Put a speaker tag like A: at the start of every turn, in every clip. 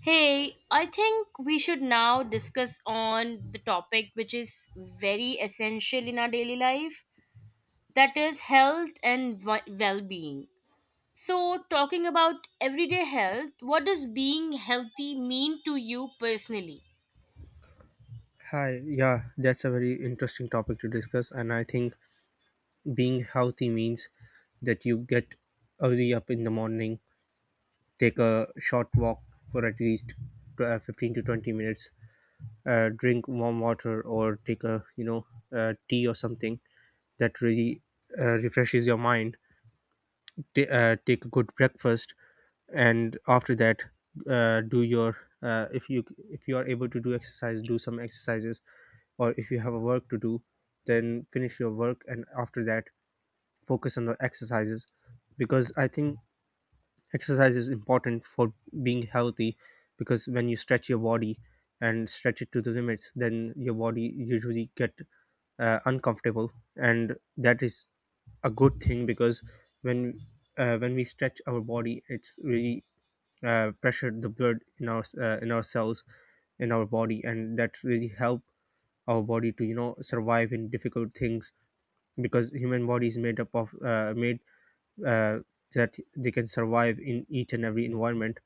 A: Hey, I think we should now discuss on the topic which is very essential in our daily life, that is health and well-being. So, talking about everyday health, what does being healthy mean to you personally?
B: Hi, yeah, that's a very interesting topic to discuss, and I think being healthy means that you get early up in the morning, take a short walk for at least 15 to 20 minutes, drink warm water, or take a tea or something that really refreshes your mind take a good breakfast, and after that do your uh, if you if you are able to do exercise, do some exercises, or if you have a work to do, then finish your work and after that focus on the exercises because I think exercise is important for being healthy. Because when you stretch your body and stretch it to the limits, then your body usually get uncomfortable, and that is a good thing because when when we stretch our body, it's really pressured the blood in our cells, in our body, and that really help our body to survive in difficult things, because human body is made up of made uh, that they can survive in each and every environment.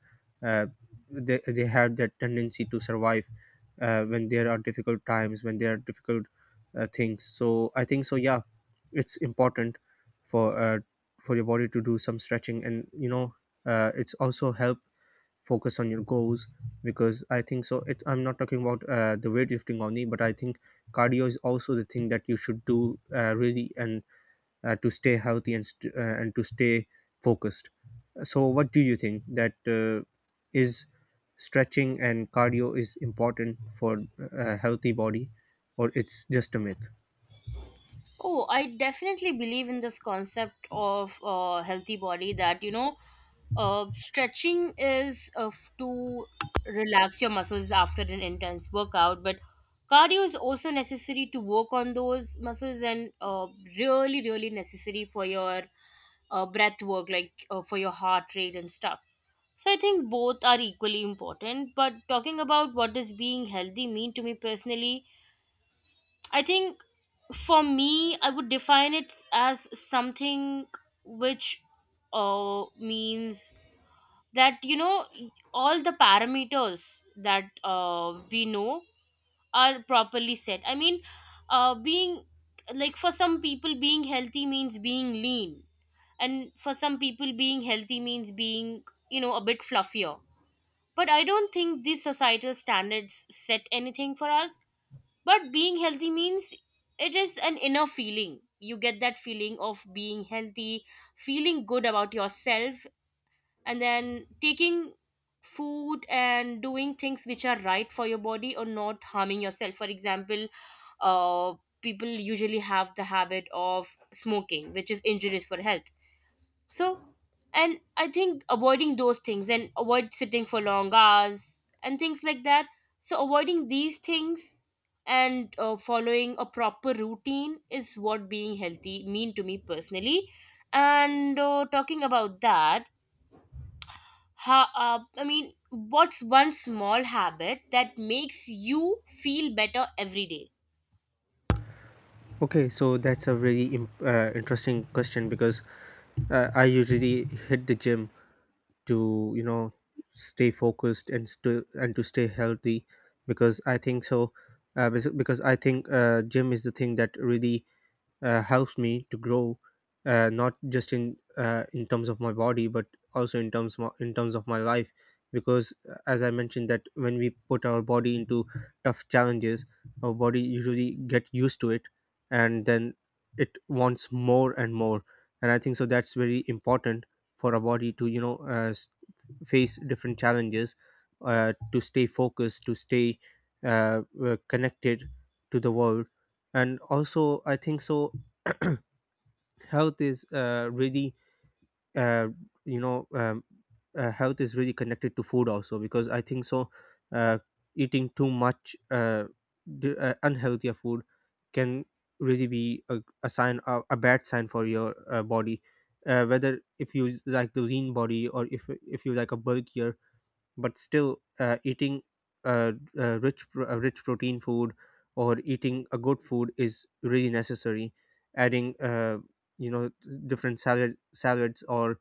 B: Uh, they have that tendency to survive when there are difficult times, when there are difficult things. So I think so. Yeah, it's important for uh, for your body to do some stretching, and it's also help focus on your goals because I think so. It I'm not talking about the weightlifting only, but I think cardio is also the thing that you should do, really, and to stay healthy and and to stay focused. So, what do you think, that is stretching and cardio is important for a healthy body, or it's just a myth?
A: Oh, I definitely believe in this concept of healthy body that you know, stretching is to relax your muscles after an intense workout, but cardio is also necessary to work on those muscles and really, really necessary for your breath work, like for your heart rate and stuff. So I think both are equally important. But talking about what does being healthy mean to me personally, I think for me, I would define it as something which means that, you know, all the parameters that we know are properly set. I mean, being like for some people, being healthy means being lean, and for some people, being healthy means being, you know, a bit fluffier. But I don't think these societal standards set anything for us, but being healthy means it is an inner feeling. You get that feeling of being healthy, feeling good about yourself, and then taking food and doing things which are right for your body or not harming yourself. For example, uh, people usually have the habit of smoking, which is injurious for health. So, and I think avoiding those things and avoid sitting for long hours and things like that. So, avoiding these things and following a proper routine is what being healthy mean to me personally. And talking about that, I mean, what's one small habit that makes you feel better every day?
B: Okay, so that's a really interesting question because I usually hit the gym to stay focused and and to stay healthy because I think so. Because I think gym is the thing that really helps me to grow, not just in terms of my body, but also in terms in terms of my life, because as I mentioned, that when we put our body into tough challenges, our body usually get used to it, and then it wants more and more, and I think so that's very important for our body to face different challenges, to stay focused, to stay connected to the world. And also, I think so health is really uh, you know um, health is really connected to food also, because I think so uh, eating too much unhealthier food can really be a sign, a bad sign for your body, whether if you like the lean body or if you like a bulkier, but still eating uh, rich protein food, or eating a good food, is really necessary. Adding you know different salads or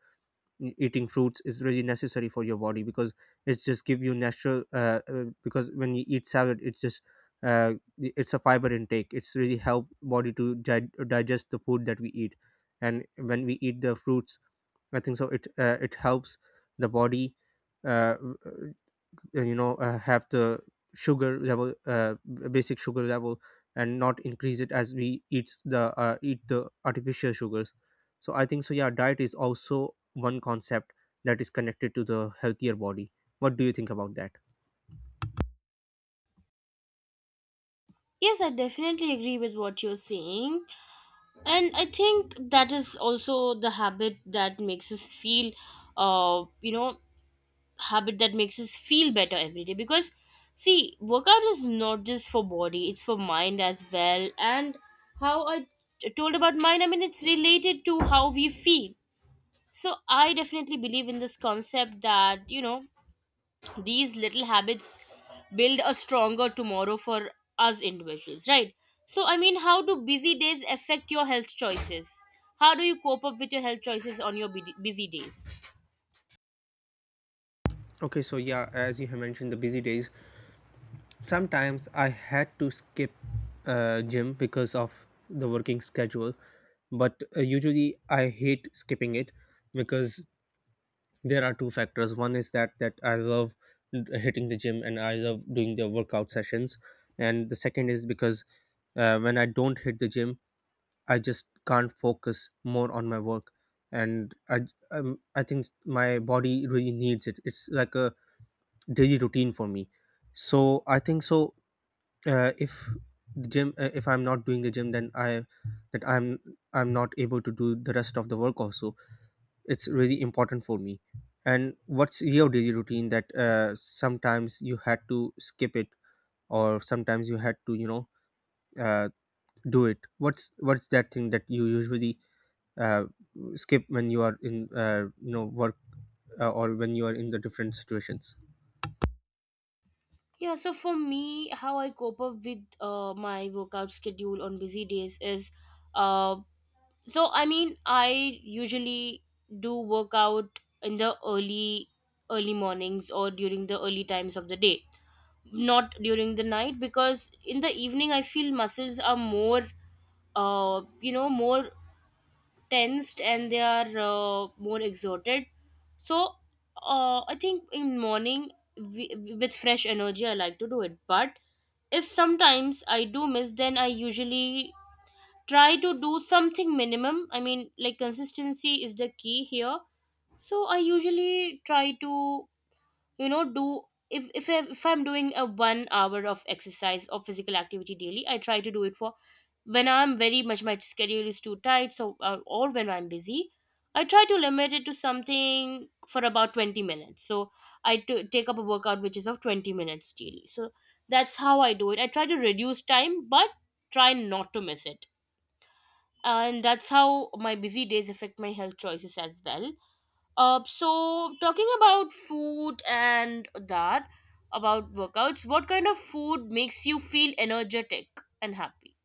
B: eating fruits is really necessary for your body, because it's just give you natural because when you eat salad it's just uh, it's a fiber intake, it's really help body to digest the food that we eat. And when we eat the fruits, I think so it it helps the body uh, have the sugar level, basic sugar level, and not increase it as we eat the artificial sugars. So I think so, yeah, diet is also one concept that is connected to the healthier body. What do you think about that?
A: Yes, I definitely agree with what you're saying. And I think that is also the habit that makes us feel you know habit that makes us feel better every day, because see, workout is not just for body, it's for mind as well. And how I told about mind, I mean, it's related to how we feel. So I definitely believe in this concept that, you know, these little habits build a stronger tomorrow for us individuals, right? So I mean, how do busy days affect your health choices? How do you cope up with your health choices on your busy days?
B: Okay, so yeah, as you have mentioned the busy days, sometimes I had to skip gym because of the working schedule, but usually I hate skipping it because there are two factors. One is that that I love hitting the gym and I love doing the workout sessions. And the second is because when I don't hit the gym, I just can't focus more on my work. And I think my body really needs it, it's like a daily routine for me. So I think so, if the gym, if I'm not doing the gym, then I that I'm not able to do the rest of the work also. It's really important for me. And what's your daily routine that sometimes you had to skip it, or sometimes you had to uh, do it? What's that thing that you usually uh, skip when you are in work, or when you are in the different situations?
A: Yeah, so for me, how I cope up with my workout schedule on busy days is, uh, so I mean, I usually do workout in the early mornings or during the early times of the day, not during the night, because in the evening I feel muscles are more you know more tensed and they are more exerted. So I think in morning we, with fresh energy, I like to do it. But if sometimes I do miss, then I usually try to do something minimum. I mean, like consistency is the key here. So I usually try to you know do if I'm doing a 1 hour of exercise or physical activity daily, I try to do it for, when I'm very much, my schedule is too tight, so or when I'm busy, I try to limit it to something for about 20 minutes. So I take up a workout which is of 20 minutes daily. So that's how I do it. I try to reduce time, but try not to miss it. And that's how my busy days affect my health choices as well. So talking about food and that about workouts, what kind of food makes you feel energetic and happy?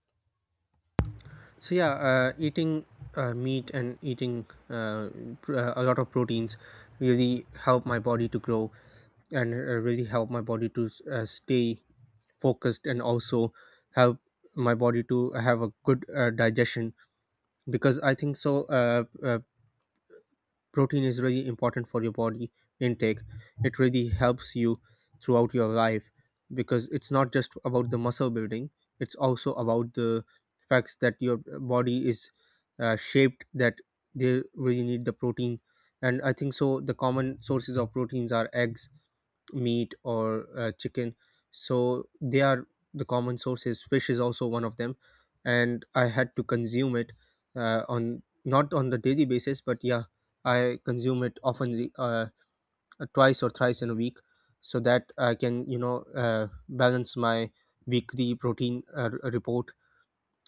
B: So yeah, eating meat and eating a lot of proteins really help my body to grow, and really help my body to stay focused, and also help my body to have a good digestion. Because I think so. Protein is really important for your body intake. It really helps you throughout your life, because it's not just about the muscle building, it's also about the facts that your body is shaped that they really need the protein. And I think so the common sources of proteins are eggs, meat, or chicken. So they are the common sources. Fish is also one of them, and I had to consume it on not on the daily basis, but yeah, I consume it often, twice or thrice in a week, so that I can balance my weekly protein, report,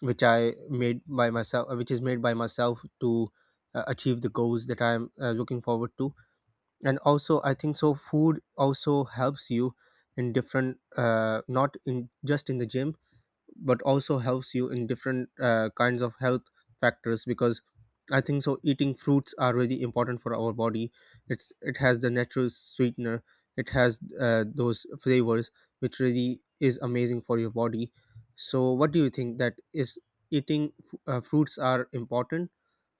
B: which I made by myself, which is made by myself, to achieve the goals that I am looking forward to. And also, I think so, food also helps you in different not in just in the gym, but also helps you in different kinds of health factors. Because I think so eating fruits are really important for our body. It's it has the natural sweetener. It has those flavors which really is amazing for your body. So what do you think, that is eating fruits are important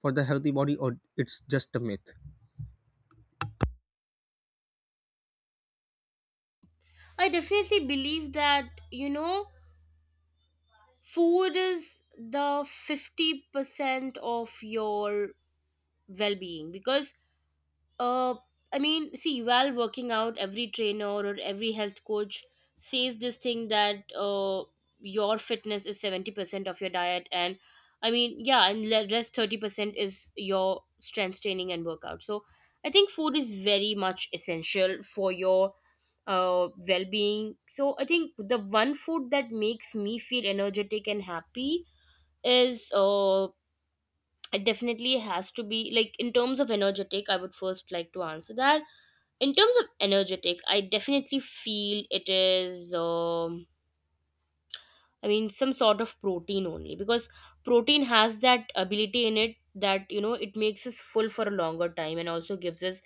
B: for the healthy body, or it's just a myth?
A: I definitely believe that, you know, food is the 50% of your well-being, because Uh, I mean, see, while working out, every trainer or every health coach says this thing that your fitness is 70% of your diet. And I mean, yeah, and rest 30% is your strength training and workout. So I think food is very much essential for your well being. So I think the one food that makes me feel energetic and happy is. It definitely has to be like, in terms of energetic, I would first like to answer that. In terms of energetic, I definitely feel it is I mean, some sort of protein only, because protein has that ability in it that, you know, it makes us full for a longer time and also gives us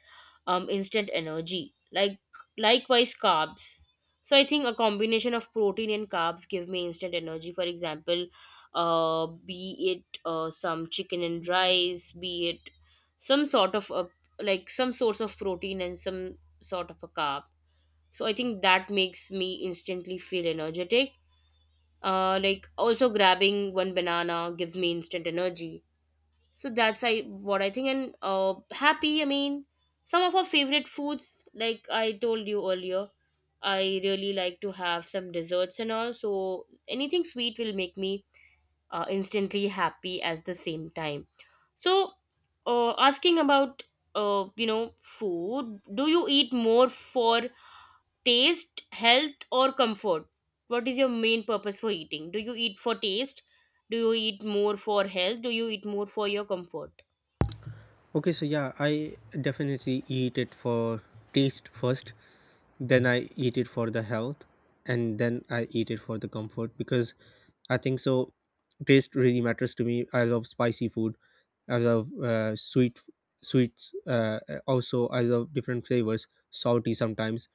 A: instant energy, like likewise carbs. So I think a combination of protein and carbs give me instant energy. For example, be it some chicken and rice, be it some sort of a, like some source of protein and some sort of a carb. So I think that makes me instantly feel energetic. Like also grabbing one banana gives me instant energy. So that's I what I think. And happy, I mean, some of our favorite foods, like I told you earlier, I really like to have some desserts and all. So anything sweet will make me instantly happy at the same time. So asking about you know food, do you eat more for taste, health, or comfort? What is your main purpose for eating? Do you eat for taste? Do you eat more for health? Do you eat more for your comfort?
B: Okay, so yeah, I definitely eat it for taste first, then I eat it for the health, and then I eat it for the comfort, because I think so. Taste really matters to me. I love spicy food. I love sweets. Also, I love different flavors, salty sometimes.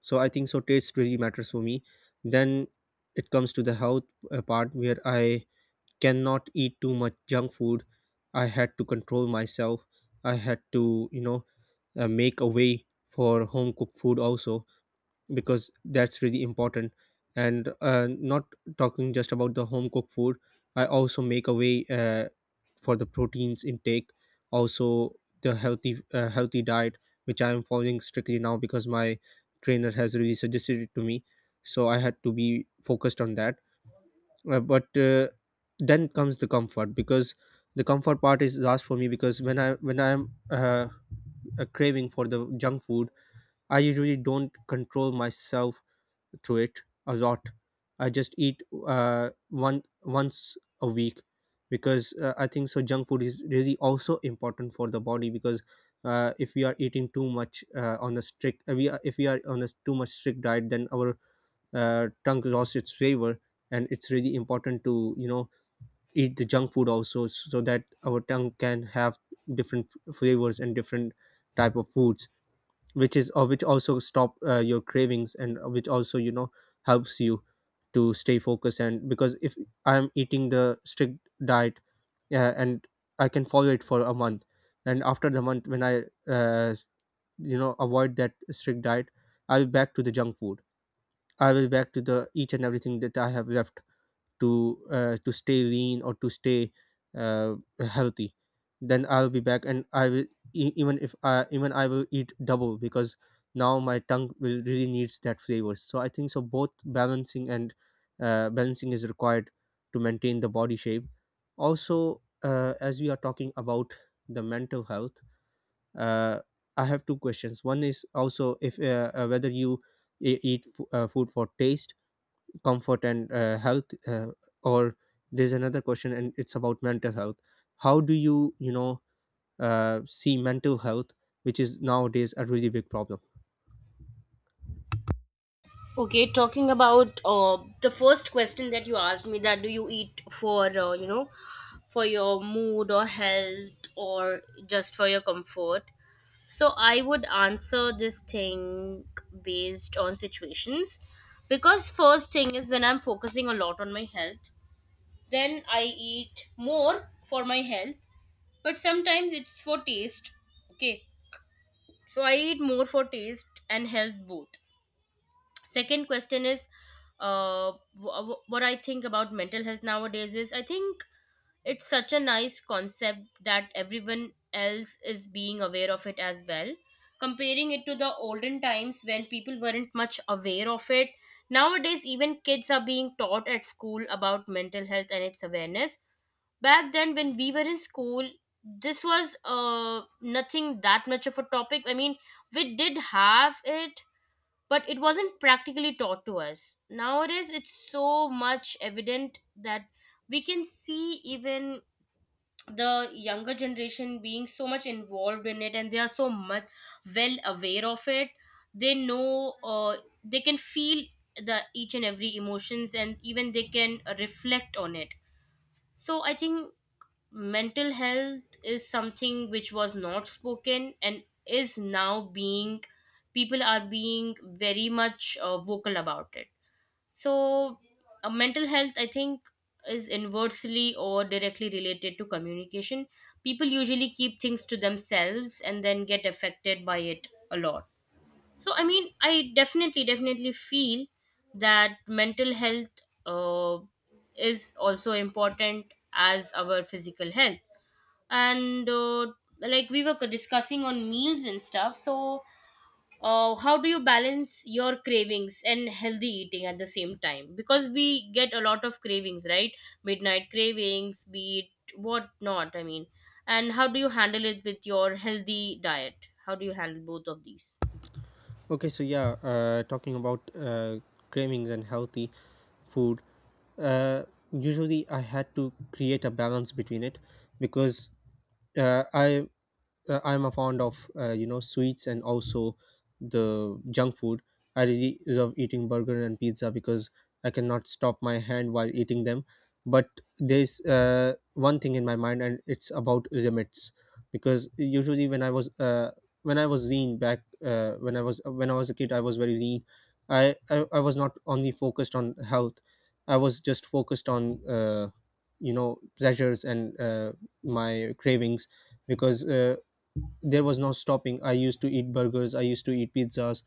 B: So I think so. Taste really matters for me. Then it comes to the health, part where I cannot eat too much junk food. I had to control myself, I had to you know make a way for home cooked food also, because that's really important. And not talking just about the home cooked food, I also make a way for the proteins intake, also the healthy, healthy diet, which I am following strictly now because my trainer has really suggested it to me. So I had to be focused on that. But Then comes the comfort, because the comfort part is last for me, because when I'm a craving for the junk food, I usually don't control myself through it a lot. I just eat one once a week, because I think so junk food is really also important for the body, because if we are eating too much on a strict, we are, if we are on a too much strict diet, then our tongue lost its flavor. And it's really important to eat the junk food also, so that our tongue can have different flavors and different type of foods, which is or which also stop your cravings, and which also helps you to stay focused. And because if I'm eating the strict diet, and I can follow it for a month, and after the month when I uh, avoid that strict diet, I'll be back to the junk food. I will back to the each and everything that I have left to to stay lean or to stay healthy. Then I'll be back, and I will e- even if I even I will eat double, because now my tongue will really needs that flavors. So I think so, both balancing and balancing is required to maintain the body shape. Also, as we are talking about the mental health, uh, I have two questions. One is also if whether you eat food for taste, comfort, and health, or there's another question and it's about mental health. How do you you know see mental health, which is nowadays a really big problem.
A: Okay, talking about the first question that you asked me, that do you eat for, you know, for your mood or health or just for your comfort? So I would answer this thing based on situations, because first thing is when I'm focusing a lot on my health, then I eat more for my health. But sometimes it's for taste, okay? So I eat more for taste and health both. Second question is, what I think about mental health nowadays is, I think it's such a nice concept that everyone else is being aware of it as well, comparing it to the olden times when people weren't much aware of it. Nowadays even kids are being taught at school about mental health and its awareness. Back then when we were in school, this was nothing that much of a topic. I mean, we did have it, but it wasn't practically taught to us. Nowadays it's so much evident that we can see even the younger generation being so much involved in it, and they are so much well aware of it. They know, they can feel the each and every emotions, and even they can reflect on it. So I think mental health is something which was not spoken and is now being, people are being very much vocal about it. So mental health, I think, is inversely or directly related to communication. People usually keep things to themselves and then get affected by it a lot. So, I mean, I definitely, definitely feel that mental health uh, is also important as our physical health. And like we were discussing on meals and stuff, so how do you balance your cravings and healthy eating at the same time? Because we get a lot of cravings, right? Midnight cravings, be it what not, I mean. And how do you handle it with your healthy diet? How do you handle both of these?
B: Okay, so yeah, talking about cravings and healthy food. uh, Usually I had to create a balance between it, because uh, I I'm a fond of sweets, and also the junk food. I really love eating burger and pizza because I cannot stop my hand while eating them. But there's one thing in my mind, and it's about limits. Because usually when I was a kid I was very lean. I was not only focused on health, I was just focused on pleasures and my cravings. Because there was no stopping. I used to eat burgers, I used to eat pizzas,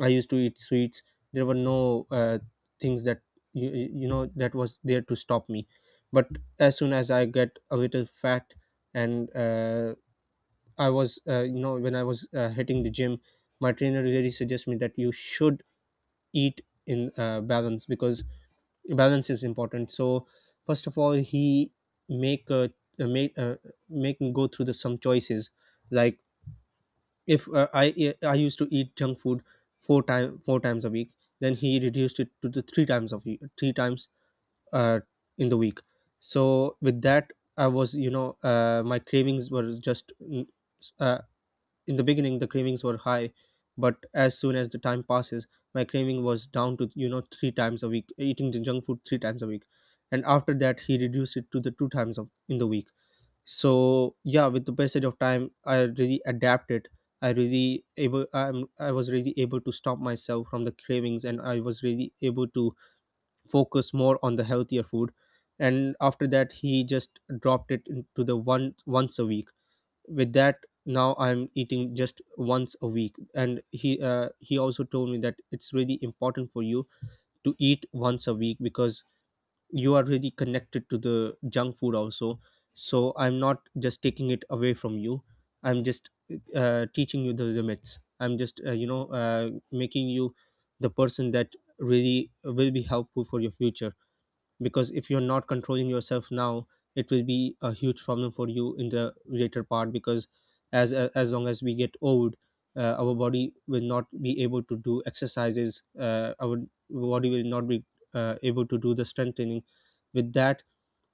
B: I used to eat sweets. There were no things that, that was there to stop me. But as soon as I get a little fat, and I was, you know, when I was hitting the gym, my trainer really suggests me that you should eat in balance, because balance is important. So first of all, he make a, make make me go through the some choices, like if I used to eat junk food four times a week, then he reduced it to the three times uh, in the week. So with that, I was you know my cravings were just, uh, in the beginning, the cravings were high, but as soon as the time passes, my craving was down to three times a week, eating the junk food three times a week, and after that he reduced it to the two times of in the week. So yeah, with the passage of time, I really adapted. I really able. I was really able to stop myself from the cravings, and I was really able to focus more on the healthier food. And after that, he just dropped it into the one once a week. With that, now I'm eating just once a week, and he also told me that it's really important for you to eat once a week, because you are really connected to the junk food also. So I'm not just taking it away from you, I'm just teaching you the limits. I'm just making you the person that really will be helpful for your future. Because if you're not controlling yourself now, it will be a huge problem for you in the later part. Because as long as we get old, our body will not be able to do exercises. Our body will not be able to do the strength training. With that,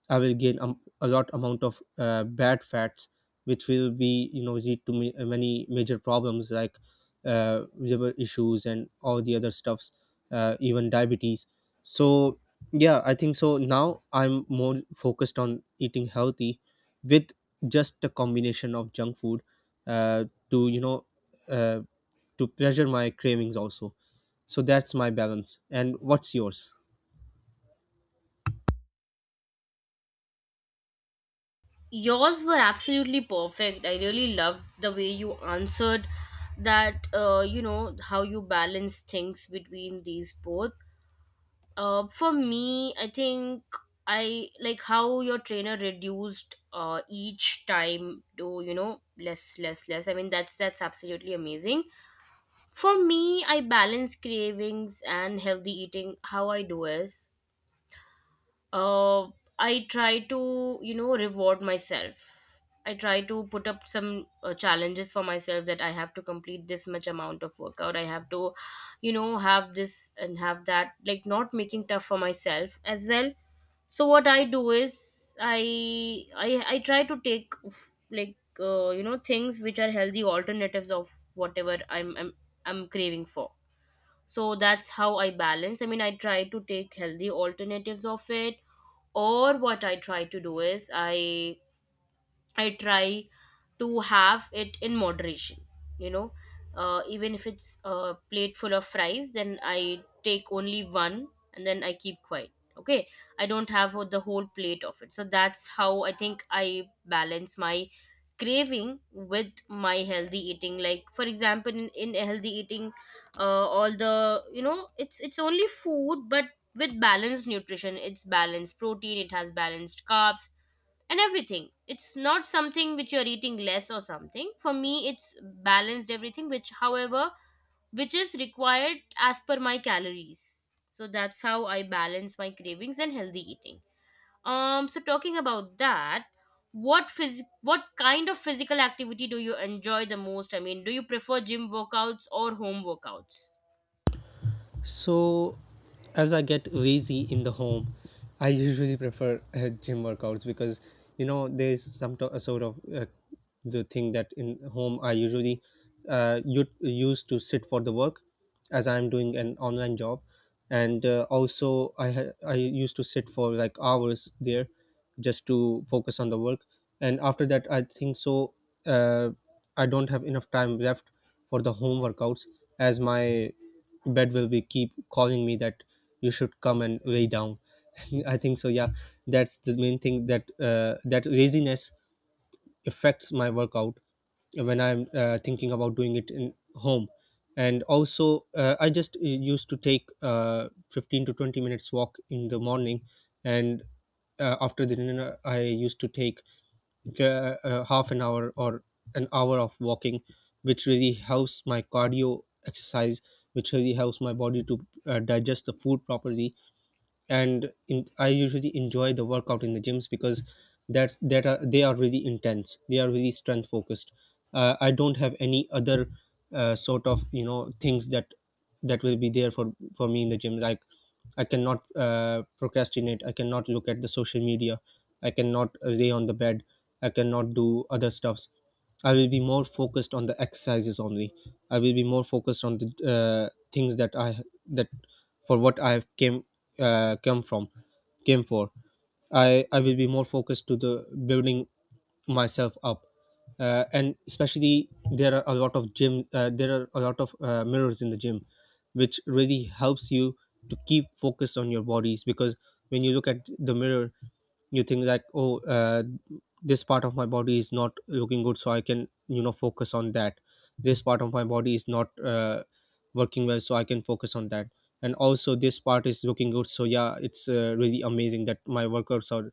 B: I will gain a lot amount of bad fats, which will be lead to many major problems, like liver issues and all the other stuffs, even diabetes. So yeah, I think so. Now I'm more focused on eating healthy, with just a combination of junk food, uh, to you know, uh, to pleasure my cravings also. So that's my balance. And what's yours?
A: Yours were absolutely perfect. I really loved the way you answered that, you know, how you balance things between these both. For me, I think I like how your trainer reduced each time to, you know, less less less. I mean, that's absolutely amazing. For me, I balance cravings and healthy eating, how I do is uh, I try to, you know, reward myself. I try to put up some challenges for myself, that I have to complete this much amount of workout. I have to, you know, have this and have that, like not making tough for myself as well. So what I do is I try to take like you know things which are healthy alternatives of whatever I'm craving for. So that's how I balance. I mean, I try to take healthy alternatives of it. Or what I try to do is I try to have it in moderation. You know, even if it's a plate full of fries, then I take only one and then I keep quiet. Okay, I don't have the whole plate of it. So that's how I think I balance my craving with my healthy eating. Like for example, in healthy eating, uh, all the, you know, it's only food, but with balanced nutrition, it's balanced protein, it has balanced carbs and everything. It's not something which you're eating less or something. For me, it's balanced everything, which, however, which is required as per my calories. So that's how I balance my cravings and healthy eating. So talking about that, what kind of physical activity do you enjoy the most? I mean, do you prefer gym workouts or home workouts?
B: So, as I get lazy in the home, I usually prefer gym workouts, because you know there's some sort of the thing that in home I usually used to sit for the work, as I'm doing an online job. And also I used to sit for like hours there, just to focus on the work. And after that I think so, uh, I don't have enough time left for the home workouts, as my bed will be keep calling me that you should come and lay down. I think so, yeah, that's the main thing, that laziness affects my workout when I'm thinking about doing it in home. And also, I just used to take 15 to 20 minutes walk in the morning, and after the dinner I used to take uh, half an hour or an hour of walking, which really helps my cardio exercise, which really helps my body to digest the food properly. And I usually enjoy the workout in the gyms, because they are really intense. They are really strength focused. I don't have any other sort of things that will be there for me in the gym. Like, I cannot procrastinate. I cannot look at the social media. I cannot lay on the bed. I cannot do other stuffs. I will be more focused on the exercises only. I will be more focused on the things that, for what I have came come from came for. I will be more focused to the building myself up, and especially there are a lot of mirrors in the gym, which really helps you to keep focused on your bodies. Because when you look at the mirror you think like, oh, this part of my body is not looking good, so I can focus on that. This part of my body is not working well, so I can focus on that. And also this part is looking good. So yeah, it's really amazing that my workouts are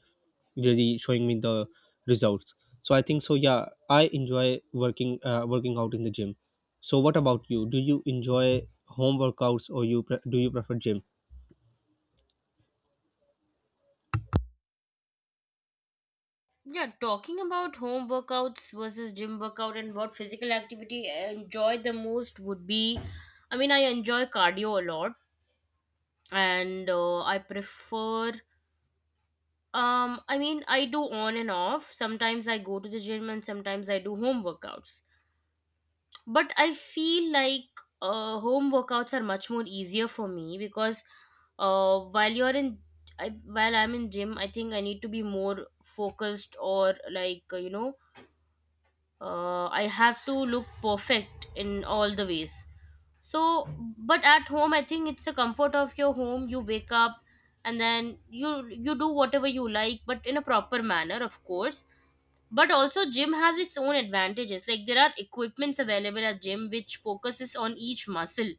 B: really showing me the results. So I think so, yeah, I enjoy working out in the gym. So what about you, do you enjoy home workouts or do you prefer gym?
A: Yeah, talking about home workouts versus gym workout and what physical activity I enjoy the most would be, I mean, I enjoy cardio a lot and I prefer I mean, I do on and off. Sometimes I go to the gym and sometimes I do home workouts. But I feel like home workouts are much more easier for me because uh, while you're in while I'm in gym, I think I need to be more focused, or like I have to look perfect in all the ways. So, but at home, I think it's the comfort of your home. You wake up and then you do whatever you like, but in a proper manner, of course. But also, gym has its own advantages. Like there are equipments available at gym which focuses on each muscle.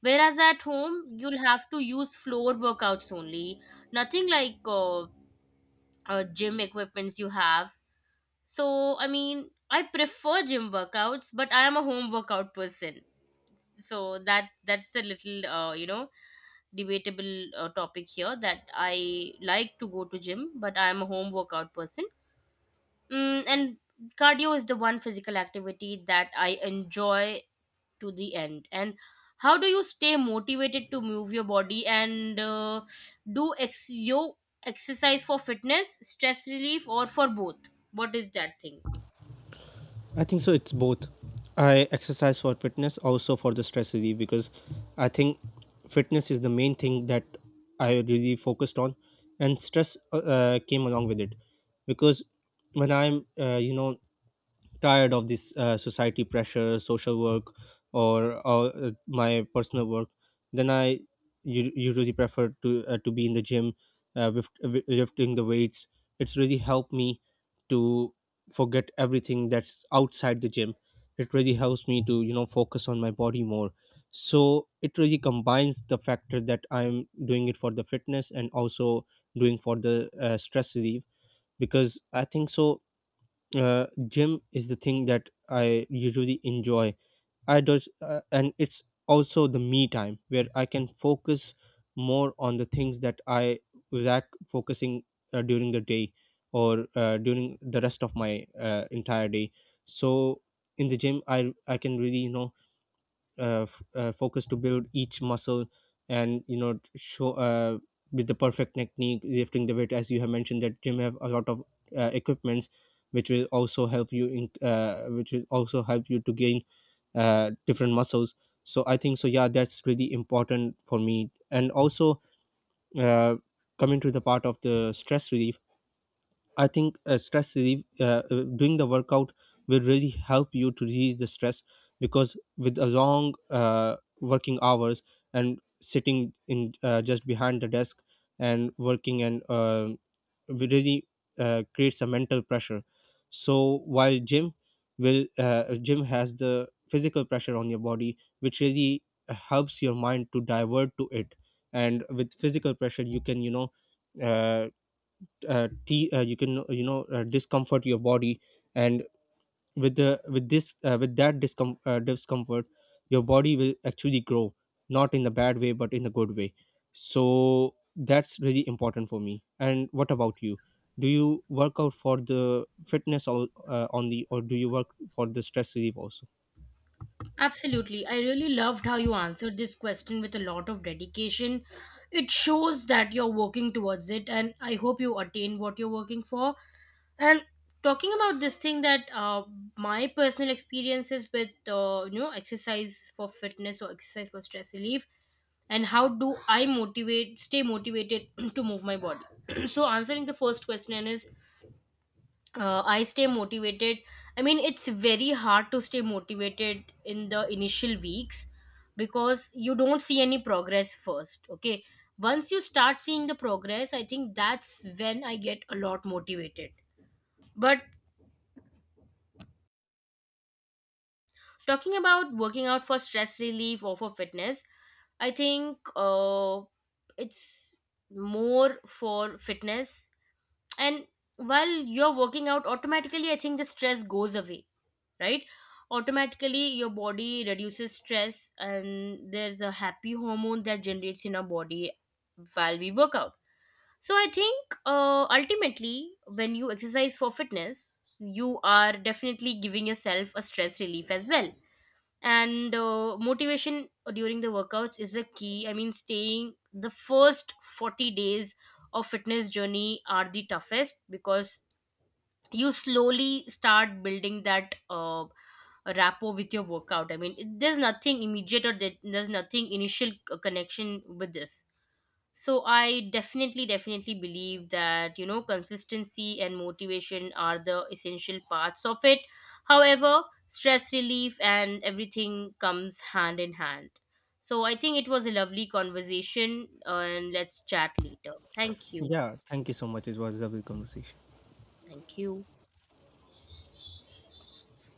A: Whereas at home, you'll have to use floor workouts only. Nothing like gym equipments you have. So, I mean, I prefer gym workouts, but I am a home workout person. So that's a little debatable topic here, that I like to go to gym, but I am a home workout person. Mm, and cardio is the one physical activity that I enjoy to the end. And how do you stay motivated to move your body, and your exercise for fitness, stress relief, or for both? What is that thing?
B: I think so it's both. I exercise for fitness, also for the stress relief, because I think fitness is the main thing that I really focused on, and stress came along with it. Because when I'm tired of this society pressure, social work, or my personal work, then I usually prefer to be in the gym, with lifting the weights. It's really helped me to forget everything that's outside the gym. It really helps me to focus on my body more. So it really combines the factor that I'm doing it for the fitness and also doing for the stress relief. Because I think so, gym is the thing that I usually enjoy. I do. Uh, and it's also the me time where I can focus more on the things that I lack focusing during the day, or during the rest of my entire day. So in the gym, I can really focus to build each muscle, and show, with the perfect technique lifting the weight, as you have mentioned that gym have a lot of equipments, which will also help you to gain different muscles. So I think so, yeah, that's really important for me. And also, uh, coming to the part of the stress relief, I think stress relief doing the workout will really help you to release the stress, because with a long working hours, and sitting in, just behind the desk, and working, and we really creates a mental pressure. So while gym has the physical pressure on your body, which really helps your mind to divert to it. And with physical pressure, uh, you can, you know, discomfort your body. And with the with this with that discomfort, your body will actually grow, not in the bad way but in the good way. So that's really important for me. And what about you, do you work out for the fitness, or on the or do you work for the stress relief also?
A: Absolutely. I really loved how you answered this question with a lot of dedication. It shows that you're working towards it, and I hope you attain what you're working for. And talking about this thing that my personal experiences with exercise for fitness or exercise for stress relief, and how do I motivate, stay motivated to move my body. So answering the first question is, I stay motivated. I mean, it's very hard to stay motivated in the initial weeks because you don't see any progress first. Okay. Once you start seeing the progress, I think that's when I get a lot motivated. But talking about working out for stress relief or for fitness, I think it's more for fitness. And while you're working out, automatically, I think the stress goes away, right? Automatically, your body reduces stress, and there's a happy hormone that generates in our body while we work out. So I think ultimately, when you exercise for fitness, you are definitely giving yourself a stress relief as well. And motivation during the workouts is a key. I mean, staying the first 40 days of fitness journey are the toughest because you slowly start building that rapport with your workout. I mean there's nothing immediate, or there's nothing initial connection with this. So I definitely believe that, you know, consistency and motivation are the essential parts of it. However, stress relief and everything comes hand in hand. So I think it was a lovely conversation, and let's chat later. Thank you.
B: Yeah, thank you so much, it was a lovely conversation.
A: Thank you.